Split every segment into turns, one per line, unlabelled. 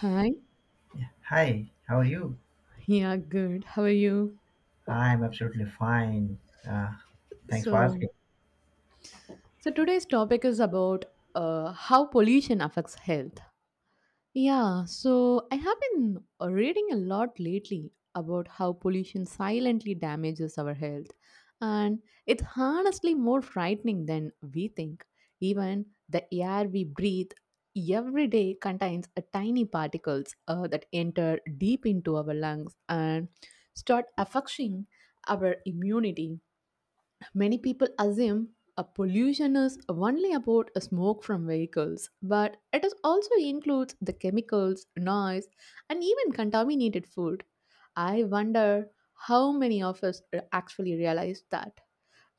Hi.
Hi, how are you?
Yeah, good. How are you?
I'm absolutely fine. Uh, Thanks for
So,
asking.
so today's topic is about how pollution affects health. Yeah, so I have been reading a lot lately about how pollution silently damages our health, and it's honestly more frightening than we think. Even the air we breathe every day contains a tiny particles that enter deep into our lungs and start affecting our immunity. Many people assume a pollution is only about a smoke from vehicles, but it is also includes the chemicals, noise, and even contaminated food. I wonder how many of us actually realize that.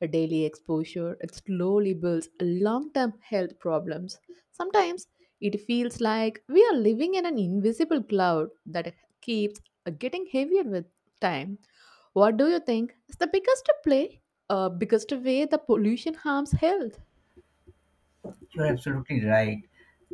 A daily exposure it slowly builds long-term health problems. Sometimes it feels like we are living in an invisible cloud that keeps getting heavier with time. What do you think is the biggest way the pollution harms health?
You're absolutely right.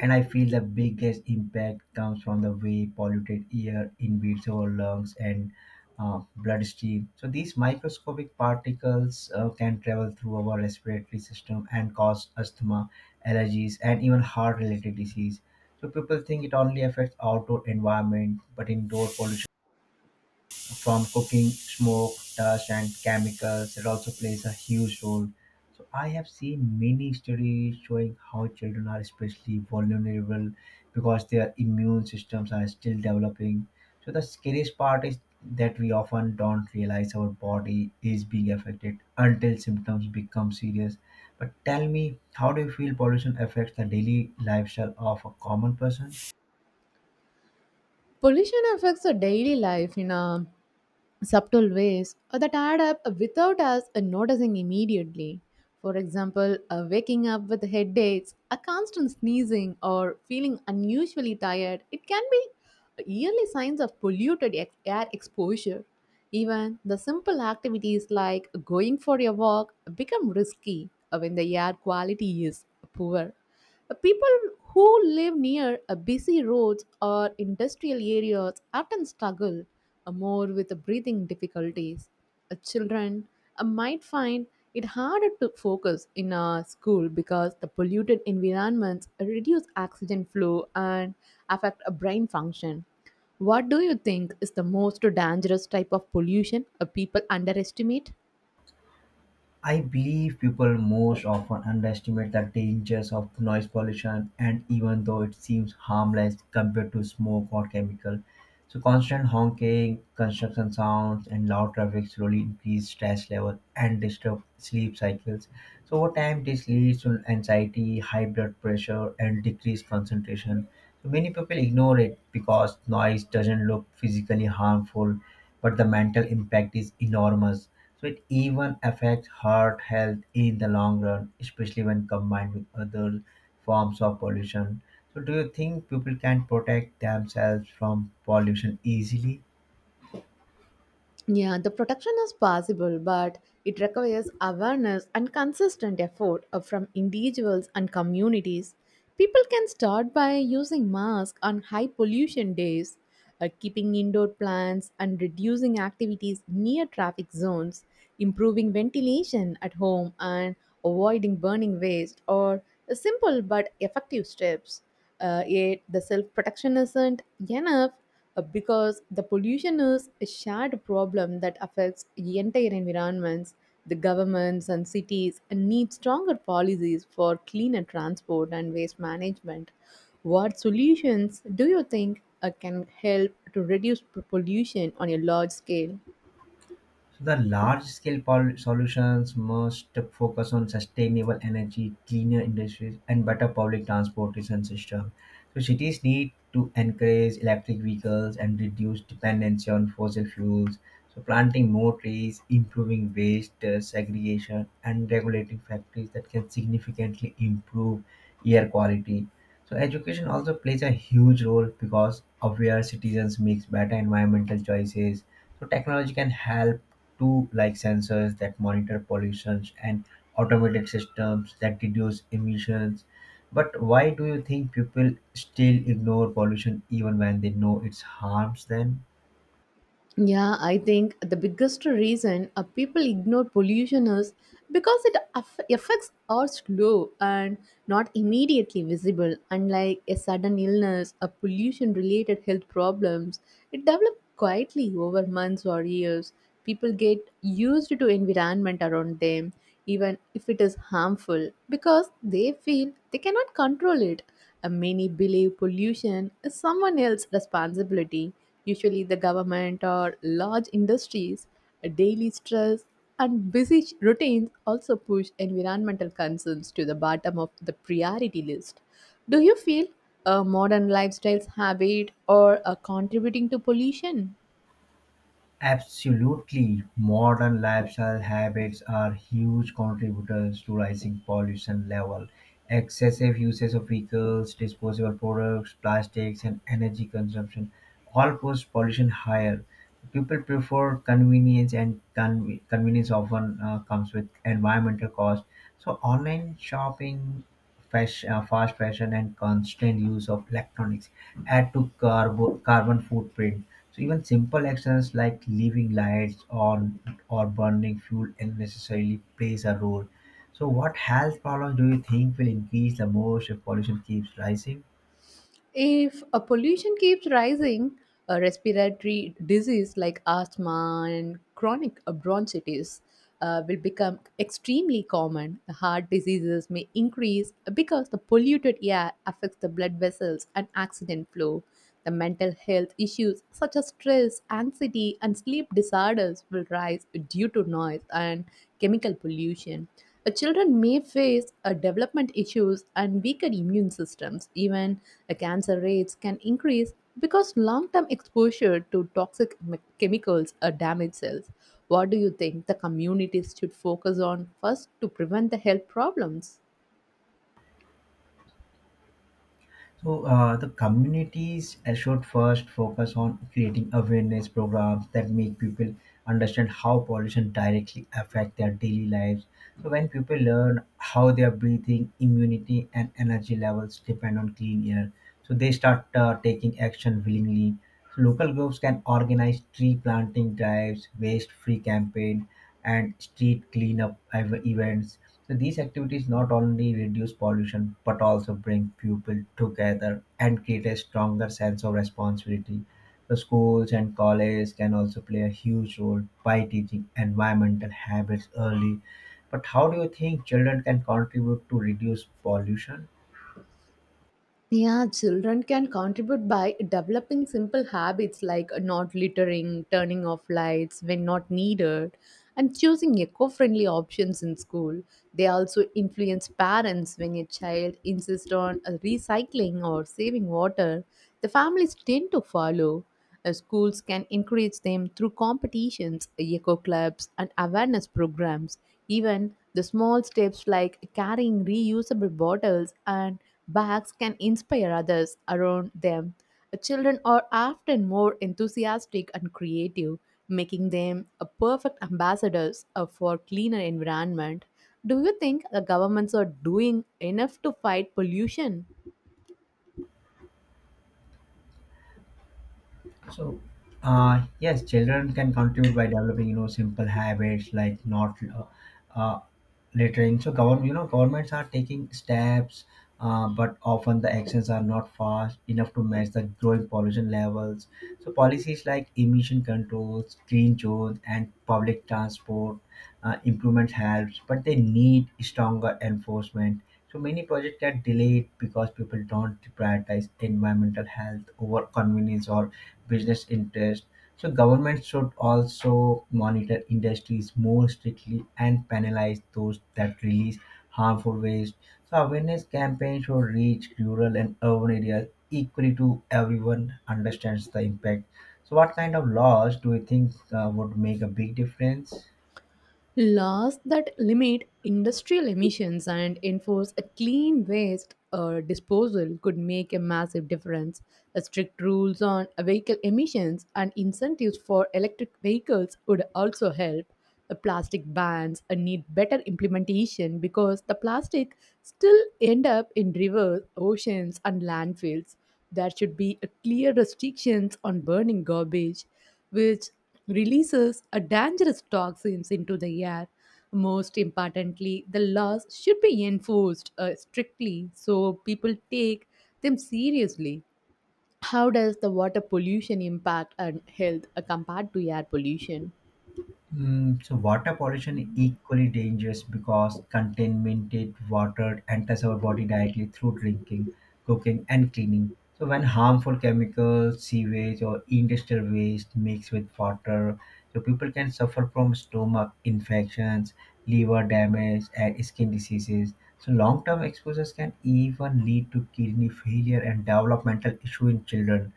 And I feel the biggest impact comes from the way polluted air invades our lungs and bloodstream. So these microscopic particles can travel through our respiratory system and cause asthma, allergies, and even heart-related disease. So people think it only affects outdoor environment, but indoor pollution from cooking, smoke, dust, and chemicals. It also plays a huge role. So I have seen many studies showing how children are especially vulnerable because their immune systems are still developing. So the scariest part is that we often don't realize our body is being affected until symptoms become serious. But tell me, how do you feel pollution affects the daily lifestyle of a common person?
Pollution affects our daily life. Subtle ways that add up without us noticing immediately. For example, waking up with headaches, a constant sneezing, or feeling unusually tired, it can be early signs of air exposure. Even the simple activities like going for a walk become risky when the air quality is poor. People who live near busy roads or industrial areas often struggle more with breathing difficulties. Children might find it harder to focus in a school because the polluted environments reduce oxygen flow and affect a brain function. What do you think is the most dangerous type of pollution people underestimate?
I believe people most often underestimate the dangers of noise pollution, and even though it seems harmless compared to smoke or chemical, so constant honking, construction sounds, and loud traffic slowly increase stress level and disturb sleep cycles. So over time, this leads to anxiety, high blood pressure, and decreased concentration. So many people ignore it because noise doesn't look physically harmful, but the mental impact is enormous. So it even affects heart health in the long run, especially when combined with other forms of pollution. So do you think people can protect themselves from pollution easily?
Yeah, the protection is possible, but it requires awareness and consistent effort from individuals and communities. People can start by using masks on high pollution days, keeping indoor plants, and reducing activities near traffic zones, improving ventilation at home, and avoiding burning waste or simple but effective steps. Yet, the self protection isn't enough because the pollution is a shared problem that affects entire environments. The governments and cities need stronger policies for cleaner transport and waste management. What solutions do you think can help to reduce pollution on a large scale?
So the large-scale solutions must focus on sustainable energy, cleaner industries, and better public transportation system. So cities need to encourage electric vehicles and reduce dependency on fossil fuels. So planting more trees, improving waste segregation, and regulating factories that can significantly improve air quality. So education also plays a huge role because aware citizens makes better environmental choices. So technology can help too, like sensors that monitor pollutions and automated systems that reduce emissions. But why do you think people still ignore pollution even when they know it harms them?
Yeah, I think the biggest reason people ignore pollution is because it affects are slow and not immediately visible. Unlike a sudden illness, a pollution-related health problems, it develops quietly over months or years. People get used to environment around them, even if it is harmful, because they feel they cannot control it. Many believe pollution is someone else's responsibility. Usually, the government or large industries, daily stress, and busy routines also push environmental concerns to the bottom of the priority list. Do you feel modern lifestyles habit or contributing to pollution?
Absolutely. Modern lifestyle habits are huge contributors to rising pollution level. Excessive usage of vehicles, disposable products, plastics, and energy consumption all push pollution higher. People prefer convenience, and convenience often comes with environmental cost. So online shopping, fashion, fast fashion, and constant use of electronics add to carbon footprint, so even simple actions like leaving lights on or burning fuel unnecessarily plays a role. So what health problems do you think will increase the most if pollution keeps rising?
If a pollution keeps rising, a respiratory disease like asthma and chronic bronchitis will become extremely common. Heart diseases may increase because the polluted air affects the blood vessels and oxygen flow. The mental health issues such as stress, anxiety, and sleep disorders will rise due to noise and chemical pollution. Children may face development issues and weaker immune systems. Even cancer rates can increase because long term exposure to toxic chemicals damage cells. What do you think the communities should focus on first to prevent the health problems?
So the communities should first focus on creating awareness programs that make people understand how pollution directly affect their daily lives. So when people learn how their breathing, immunity, and energy levels depend on clean air, so they start taking action willingly. So local groups can organize tree planting drives, waste free campaign, and street cleanup events, so these activities not only reduce pollution but also bring people together and create a stronger sense of responsibility. So schools and colleges can also play a huge role by teaching environmental habits early. But how do you think children can contribute to reduce pollution?
Yeah, children can contribute by developing simple habits like not littering, turning off lights when not needed, and choosing eco friendly options in school. They also influence parents when a child insists on recycling or saving water, the families tend to follow. Schools can encourage them through competitions, eco clubs, and awareness programs. Even the small steps like carrying reusable bottles and bags can inspire others around them. Children are often more enthusiastic and creative, making them a perfect ambassadors for cleaner environment. Do you think the governments are doing enough to fight pollution?
So, yes, children can contribute by developing, you know, simple habits like not uh, uh, littering. So, government, you know, governments are taking steps, but often the actions are not fast enough to match the growing pollution levels. So policies like emission controls, green zones, and public transport improvements helps, but they need stronger enforcement, so many projects get delayed because people don't prioritize environmental health over convenience or business interest. So government should also monitor industries more strictly and penalize those that release harmful waste. So awareness campaigns should reach rural and urban areas equally to everyone understands the impact. So what kind of laws do you think would make a big difference?
Laws that limit industrial emissions and enforce a clean waste disposal could make a massive difference. Strict rules on vehicle emissions and incentives for electric vehicles would also help. The plastic bans need better implementation because the plastic still end up in rivers, oceans, and landfills. There should be a clear restrictions on burning garbage which releases a dangerous toxins into the air. Most importantly, the laws should be enforced strictly so people take them seriously. How does the water pollution impact on health compared to air pollution?
So water pollution is equally dangerous because contaminated water enters our body directly through drinking, cooking, and cleaning. So when harmful chemicals, sewage, or industrial waste mix with water, so people can suffer from stomach infections, liver damage, and skin diseases. So long-term exposures can even lead to kidney failure and developmental issue in children.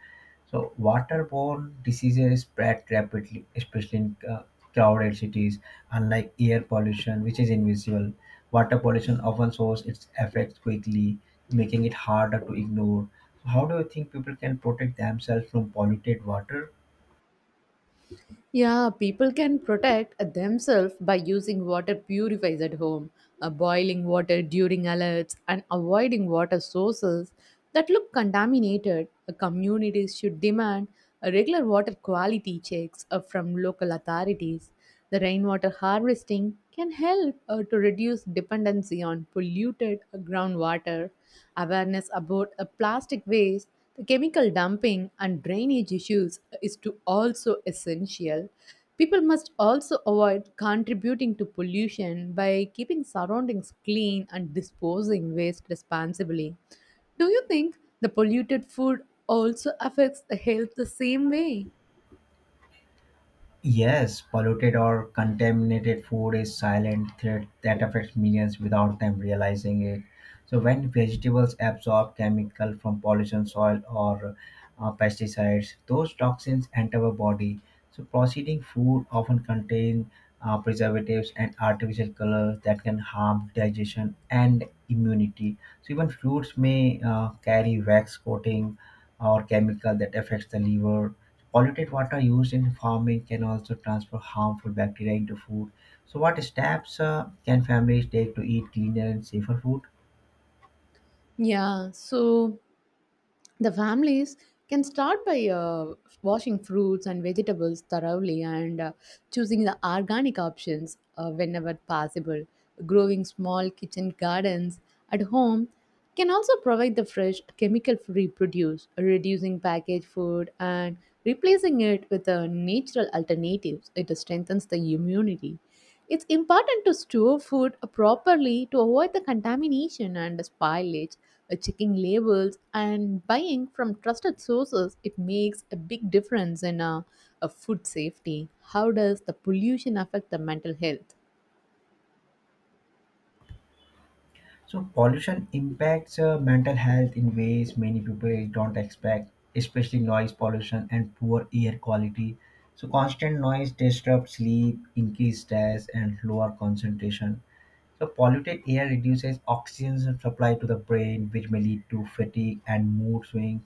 So waterborne diseases spread rapidly, especially in crowded cities. Unlike air pollution, which is invisible, water pollution often shows its effects quickly, making it harder to ignore. So how do you think people can protect themselves from polluted water?
Yeah, people can protect themselves by using water purifiers at home, boiling water during alerts, and avoiding water sources that look contaminated. Communities should demand regular water quality checks from local authorities. The rainwater harvesting can help to reduce dependency on polluted groundwater. Awareness about plastic waste the chemical dumping and drainage issues is to also essential. People must also avoid contributing to pollution by keeping surroundings clean and disposing waste responsibly. Do you think the polluted food also affects the health the same way?
Yes, polluted or contaminated food is silent threat that affects millions without them realizing it. So when vegetables absorb chemical from pollution, soil, or pesticides, those toxins enter our body. So processing food often contain preservatives and artificial colors that can harm digestion and immunity. So even fruits may carry wax coating or chemical that affects the liver. Polluted water used in farming can also transfer harmful bacteria into food. So what steps can families take to eat cleaner and safer food?
Yeah, so the families can start by washing fruits and vegetables thoroughly and choosing the organic options whenever possible. Growing small kitchen gardens at home can also provide the fresh, chemical free produce, reducing packaged food and replacing it with natural alternatives. It strengthens the immunity. It's important to store food properly to avoid the contamination and spoilage. Checking labels and buying from trusted sources, it makes a big difference in food safety. How does the pollution affect the mental health?
So pollution impacts mental health in ways many people don't expect, especially noise pollution and poor air quality. So constant noise disrupts sleep, increase stress, and lower concentration. So polluted air reduces oxygen supply to the brain, which may lead to fatigue and mood swings.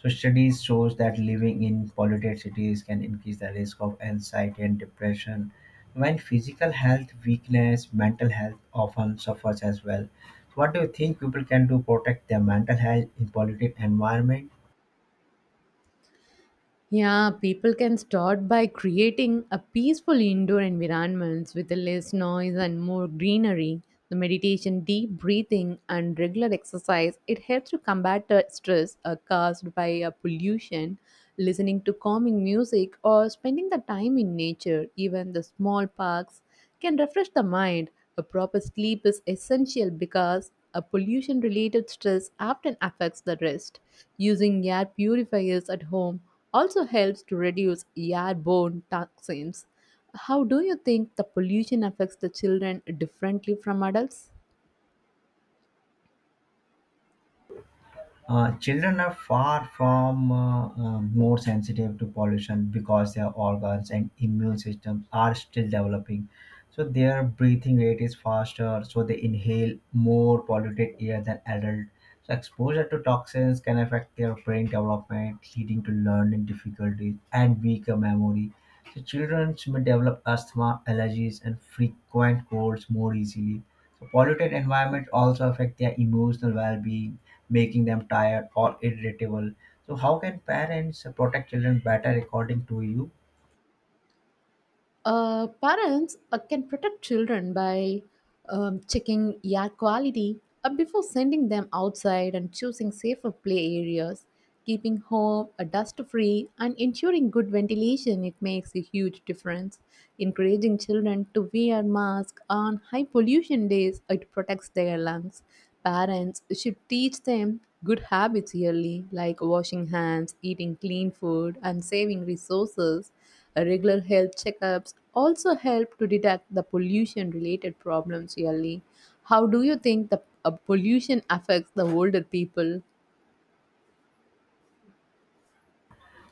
So studies shows that living in polluted cities can increase the risk of anxiety and depression. When physical health weakness, mental health often suffers as well. So what do you think people can do protect their mental health in polluted environment?
Yeah, people can start by creating a peaceful indoor environments with less noise and more greenery. The meditation, deep breathing, and regular exercise it helps to combat the stress caused by pollution. Listening to calming music or spending the time in nature, even the small parks can refresh the mind. A proper sleep is essential because a pollution related stress often affects the rest. Using air purifiers at home also helps to reduce airborne toxins. How do you think the pollution affects the children differently from adults?
Children are far from more sensitive to pollution because their organs and immune systems are still developing. So their breathing rate is faster, so they inhale more polluted air than adults. So exposure to toxins can affect their brain development, leading to learning difficulties and weaker memory. So children may develop asthma, allergies, and frequent colds more easily. So polluted environments also affect their emotional well-being, making them tired or irritable. So how can parents protect children better according to you?
Parents can protect children by checking air quality before sending them outside and choosing safer play areas, keeping home dust free, and ensuring good ventilation. It makes a huge difference. Encouraging children to wear masks on high pollution days, it protects their lungs. Parents should teach them good habits early, like washing hands, eating clean food, and saving resources. Regular health checkups also help to detect the pollution related problems early. How do you think the pollution affects the older people?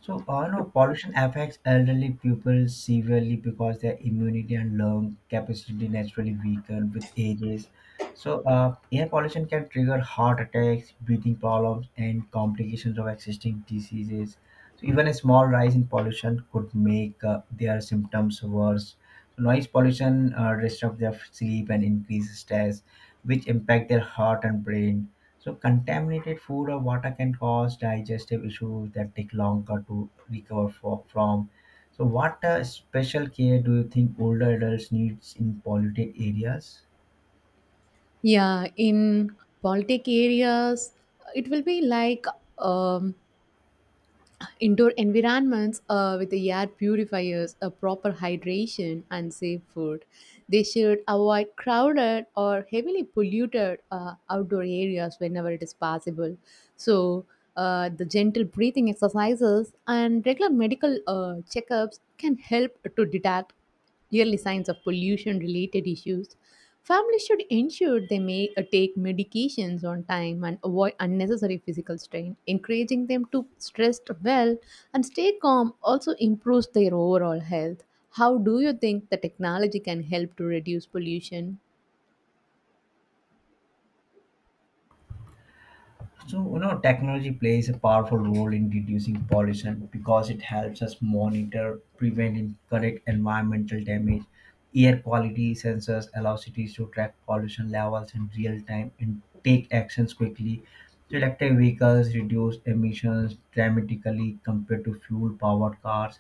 So, no, pollution affects elderly people severely because their immunity and lung capacity naturally weaken with ages. So, air pollution can trigger heart attacks, breathing problems, and complications of existing diseases. So even a small rise in pollution could make their symptoms worse. So noise pollution disrupts their sleep and increases stress, which impact their heart and brain. So contaminated food or water can cause digestive issues that take longer to recover from. So what special care do you think older adults needs in polluted areas?
Yeah, in politic areas, it will be like um, indoor environments with the air purifiers, a proper hydration, and safe food. They should avoid crowded or heavily polluted outdoor areas whenever it is possible. So, the gentle breathing exercises and regular medical checkups can help to detect early signs of pollution related issues. Families should ensure they may take medications on time and avoid unnecessary physical strain. Encouraging them to rest well and stay calm also improves their overall health. How do you think the technology can help to reduce pollution?
So, you know, technology plays a powerful role in reducing pollution because it helps us monitor, prevent, and correct environmental damage. Air quality sensors allow cities to track pollution levels in real time and take actions quickly. So electric vehicles reduce emissions dramatically compared to fuel powered cars.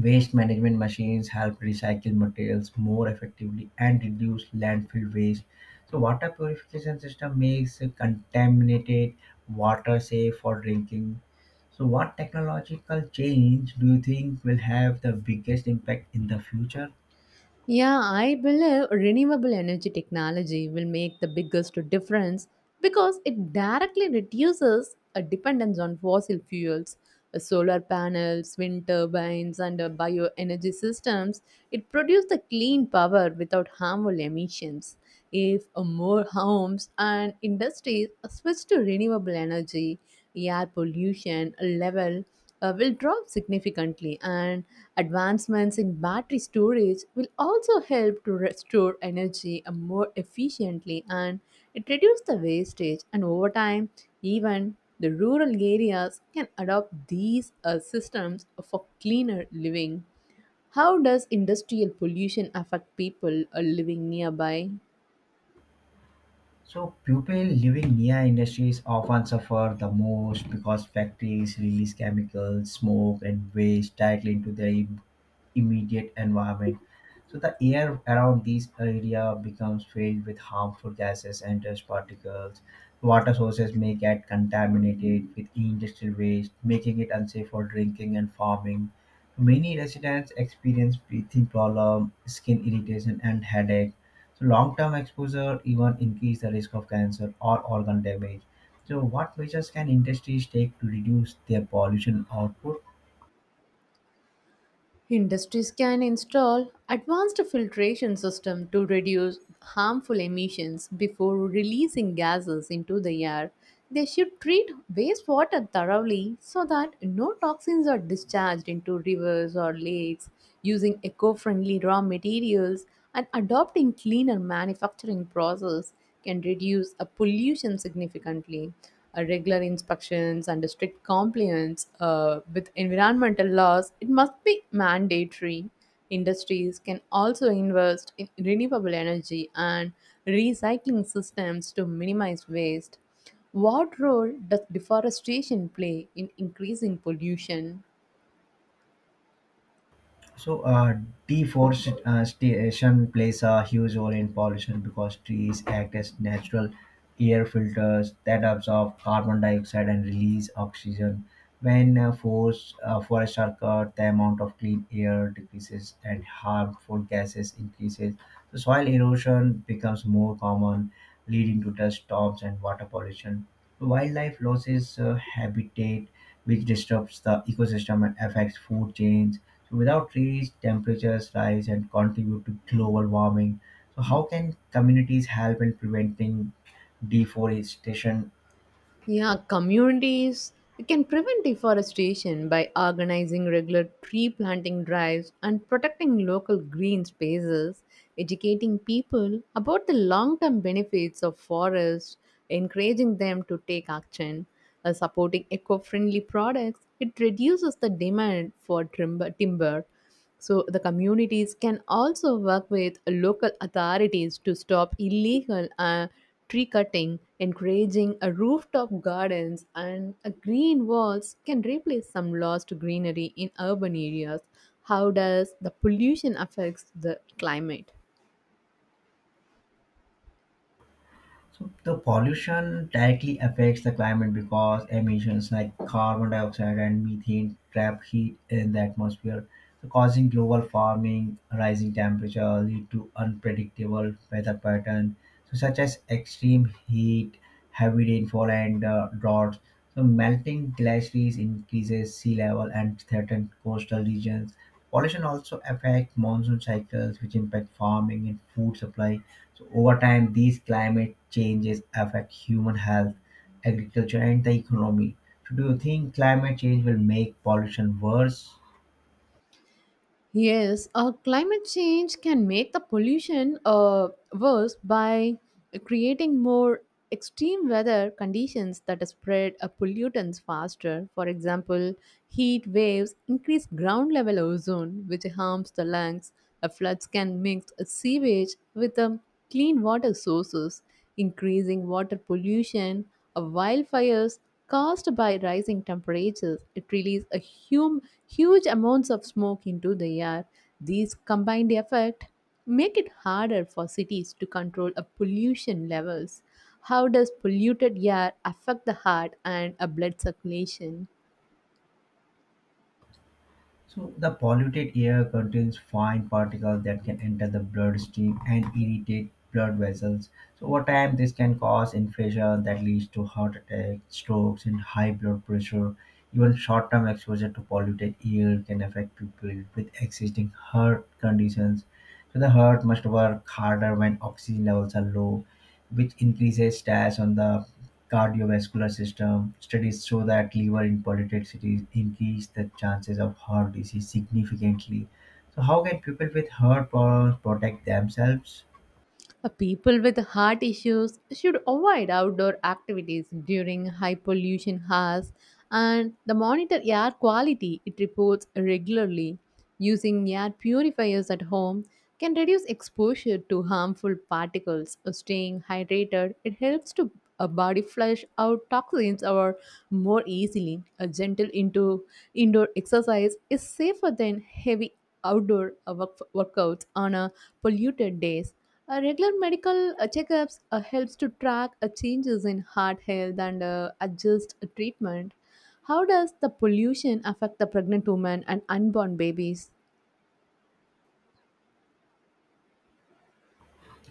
Waste management machines help recycle materials more effectively and reduce landfill waste. So water purification system makes contaminated water safe for drinking. So what technological change do you think will have the biggest impact in the future?
Yeah, I believe renewable energy technology will make the biggest difference because it directly reduces a dependence on fossil fuels. Solar panels, wind turbines, and bioenergy systems, it produces the clean power without harmful emissions. If more homes and industries switch to renewable energy, air pollution level will drop significantly, and advancements in battery storage will also help to restore energy more efficiently and it reduces the wastage. And over time, even the rural areas can adopt these systems for cleaner living. How does industrial pollution affect people living nearby?
So people living near industries often suffer the most because factories release chemicals, smoke, and waste directly into their immediate environment. So the air around these area becomes filled with harmful gases and dust particles. Water sources may get contaminated with industrial waste, making it unsafe for drinking and farming. Many residents experience breathing problem, skin irritation, and headache. So long-term exposure even increase the risk of cancer or organ damage. So what measures can industries take to reduce their pollution output?
Industries can install advanced filtration systems to reduce harmful emissions before releasing gases into the air. They should treat wastewater thoroughly so that no toxins are discharged into rivers or lakes, using eco-friendly raw materials and adopting cleaner manufacturing process can reduce a pollution significantly. Regular inspections and strict compliance with environmental laws, it must be mandatory. Industries can also invest in renewable energy and recycling systems to minimize waste. What role does deforestation play in increasing pollution?
So, deforestation plays a huge role in pollution because trees act as natural air filters that absorb carbon dioxide and release oxygen. When forests are cut, the amount of clean air decreases and harmful gases increases. So soil erosion becomes more common, leading to dust storms and water pollution. Wildlife loses habitat which disrupts the ecosystem and affects food chains. So without trees, temperatures rise and contribute to global warming. So how can communities help in preventing deforestation?
Yeah, communities can prevent deforestation by organizing regular tree planting drives and protecting local green spaces, educating people about the long term benefits of forests, encouraging them to take action, supporting eco friendly products. It reduces the demand for timber. So the communities can also work with local authorities to stop illegal tree cutting, encouraging rooftop gardens and green walls can replace some lost greenery in urban areas. How does the pollution affects the climate?
So the pollution directly affects the climate because emissions like carbon dioxide and methane trap heat in the atmosphere, so causing global warming. Rising temperature lead to unpredictable weather patterns, so such as extreme heat, heavy rainfall, and droughts. So melting glaciers increases sea level and threaten coastal regions. Pollution also affects monsoon cycles, which impact farming and food supply. So over time, these climate changes affect human health, agriculture, and the economy. So do you think climate change will make pollution worse?
Yes, climate change can make the pollution worse by creating more extreme weather conditions that spread pollutants faster. For example, heat waves increase ground level ozone, which harms the lungs. Floods can mix sewage with clean water sources, increasing water pollution. Wildfires caused by rising temperatures, it releases a huge amounts of smoke into the air. These combined effect make it harder for cities to control a pollution levels. How does polluted air affect the heart and a blood circulation?
So the polluted air contains fine particles that can enter the bloodstream and irritate blood vessels. So over time, this can cause infection that leads to heart attacks, strokes, and high blood pressure. Even short-term exposure to polluted air can affect people with existing heart conditions. So the heart must work harder when oxygen levels are low, which increases stress on the cardiovascular system. Studies show that liver inpoliticity increase the chances of heart disease significantly. So how can people with heart problems protect themselves?
People with heart issues should avoid outdoor activities during high pollution hours and the monitor air quality it reports regularly. Using air purifiers at home can reduce exposure to harmful particles. Staying hydrated it helps to a body flush out toxins or more easily. A gentle into indoor exercise is safer than heavy outdoor workouts on a polluted days. Regular medical checkups helps to track changes in heart health and adjust treatment. How does the pollution affect the pregnant woman and unborn babies?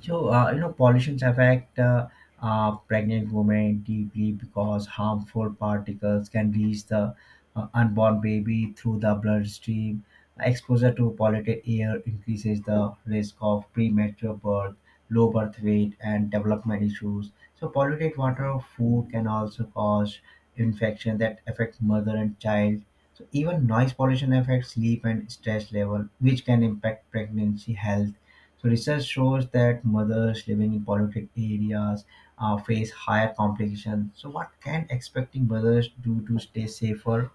So, you know, pollutions affect pregnant women deeply because harmful particles can reach the unborn baby through the bloodstream. Exposure to polluted air increases the risk of premature birth, low birth weight, and development issues. So polluted water or food can also cause infections that affect mother and child. So even noise pollution affects sleep and stress level, which can impact pregnancy health, so research shows that mothers living in polluted areas face higher complications. So what can expecting mothers do to stay safer?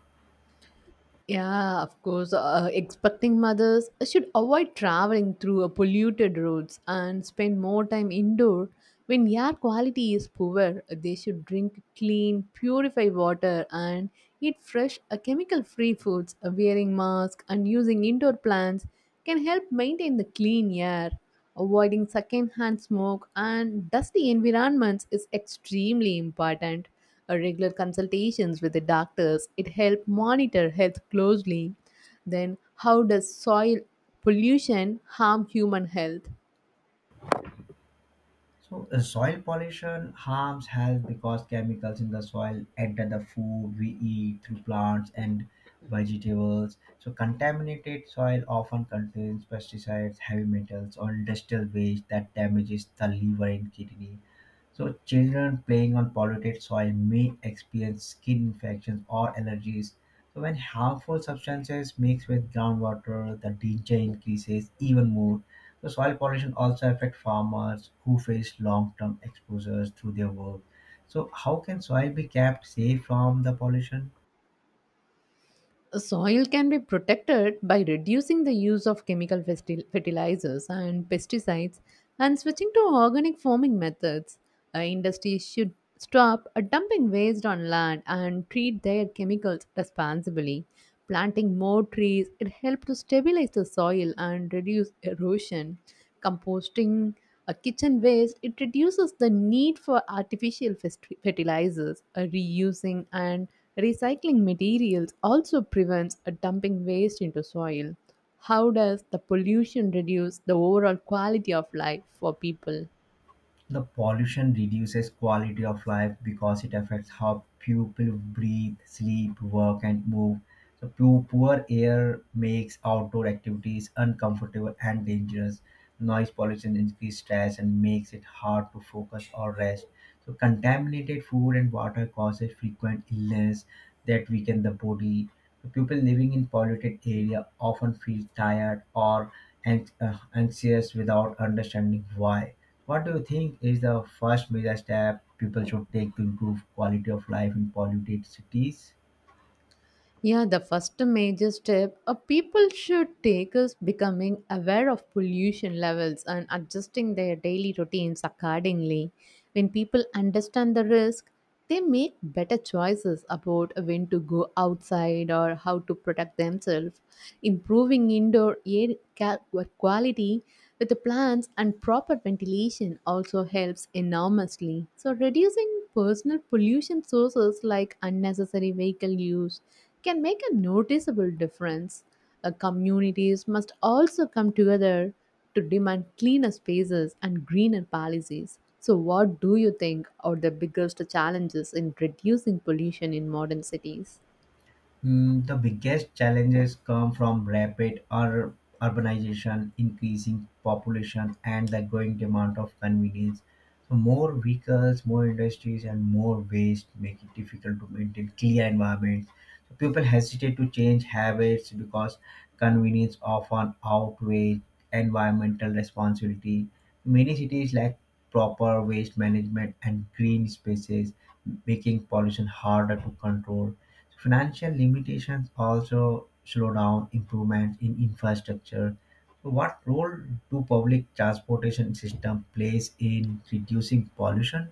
Yeah, of course. Expecting mothers should avoid traveling through a polluted roads and spend more time indoor. When air quality is poor, they should drink clean, purified water and eat fresh, chemical-free foods. Wearing masks and using indoor plants can help maintain the clean air. Avoiding second-hand smoke and dusty environments is extremely important. A regular consultations with the doctors, it helped monitor health closely. Then, how does soil pollution harm human health?
So, soil pollution harms health because chemicals in the soil enter the food we eat through plants and vegetables. So contaminated soil often contains pesticides, heavy metals, or industrial waste that damages the liver and kidney. So children playing on polluted soil may experience skin infections or allergies. So when harmful substances mix with groundwater, the danger increases even more. So soil pollution also affects farmers who face long-term exposures through their work. So how can soil be kept safe from the pollution?
Soil can be protected by reducing the use of chemical fertilizers and pesticides and switching to organic farming methods. Industries should stop dumping waste on land and treat their chemicals responsibly. Planting more trees, it helps to stabilize the soil and reduce erosion. Composting a kitchen waste, it reduces the need for artificial fertilizers. Reusing and recycling materials also prevents a dumping waste into soil. How does the pollution reduce the overall quality of life for people?
The pollution reduces quality of life because it affects how people breathe, sleep, work, and move. So poor air makes outdoor activities uncomfortable and dangerous. Noise pollution increases stress and makes it hard to focus or rest. So contaminated food and water causes frequent illness that weaken the body. So people living in polluted area often feel tired or anxious without understanding why. What do you think is the first major step people should take to improve quality of life in polluted cities?
Yeah, the first major step a people should take is becoming aware of pollution levels and adjusting their daily routines accordingly. When people understand the risk, they make better choices about when to go outside or how to protect themselves. Improving indoor quality with the plants and proper ventilation also helps enormously. So, reducing personal pollution sources like unnecessary vehicle use can make a noticeable difference. Communities must also come together to demand cleaner spaces and greener policies. So, what do you think are the biggest challenges in reducing pollution in modern cities?
The biggest challenges come from rapid urbanization, increasing population, and the growing demand of convenience. So more vehicles, more industries, and more waste make it difficult to maintain clear environments. So people hesitate to change habits because convenience often outweighs environmental responsibility. Many cities lack proper waste management and green spaces, making pollution harder to control. Financial limitations also slow down improvements in infrastructure. So what role do public transportation system plays in reducing pollution?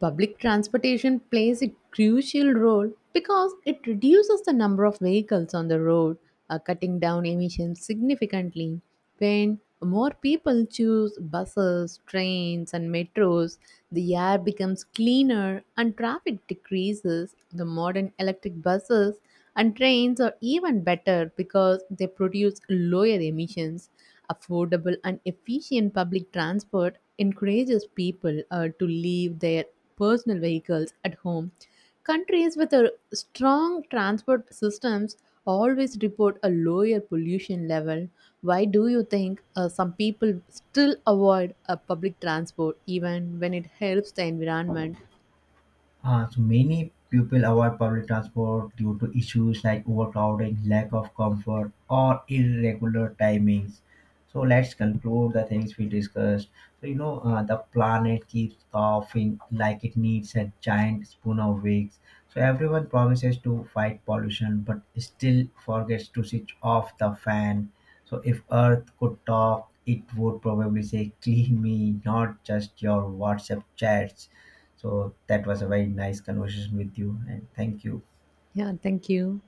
Public transportation plays a crucial role because it reduces the number of vehicles on the road, cutting down emissions significantly. When more people choose buses, trains, and metros, the air becomes cleaner and traffic decreases. The modern electric buses and trains are even better because they produce lower emissions. Affordable and efficient public transport encourages people to leave their personal vehicles at home. Countries with a strong transport systems always report a lower pollution level. Why do you think some people still avoid public transport even when it helps the environment?
So many people avoid public transport due to issues like overcrowding, lack of comfort, or irregular timings. So let's conclude the things we discussed. So you know, the planet keeps coughing like it needs a giant spoon of wigs. So everyone promises to fight pollution, but still forgets to switch off the fan. So if Earth could talk, it would probably say, "Clean me, not just your WhatsApp chats." So that was a very nice conversation with you, and thank you.
Yeah, thank you.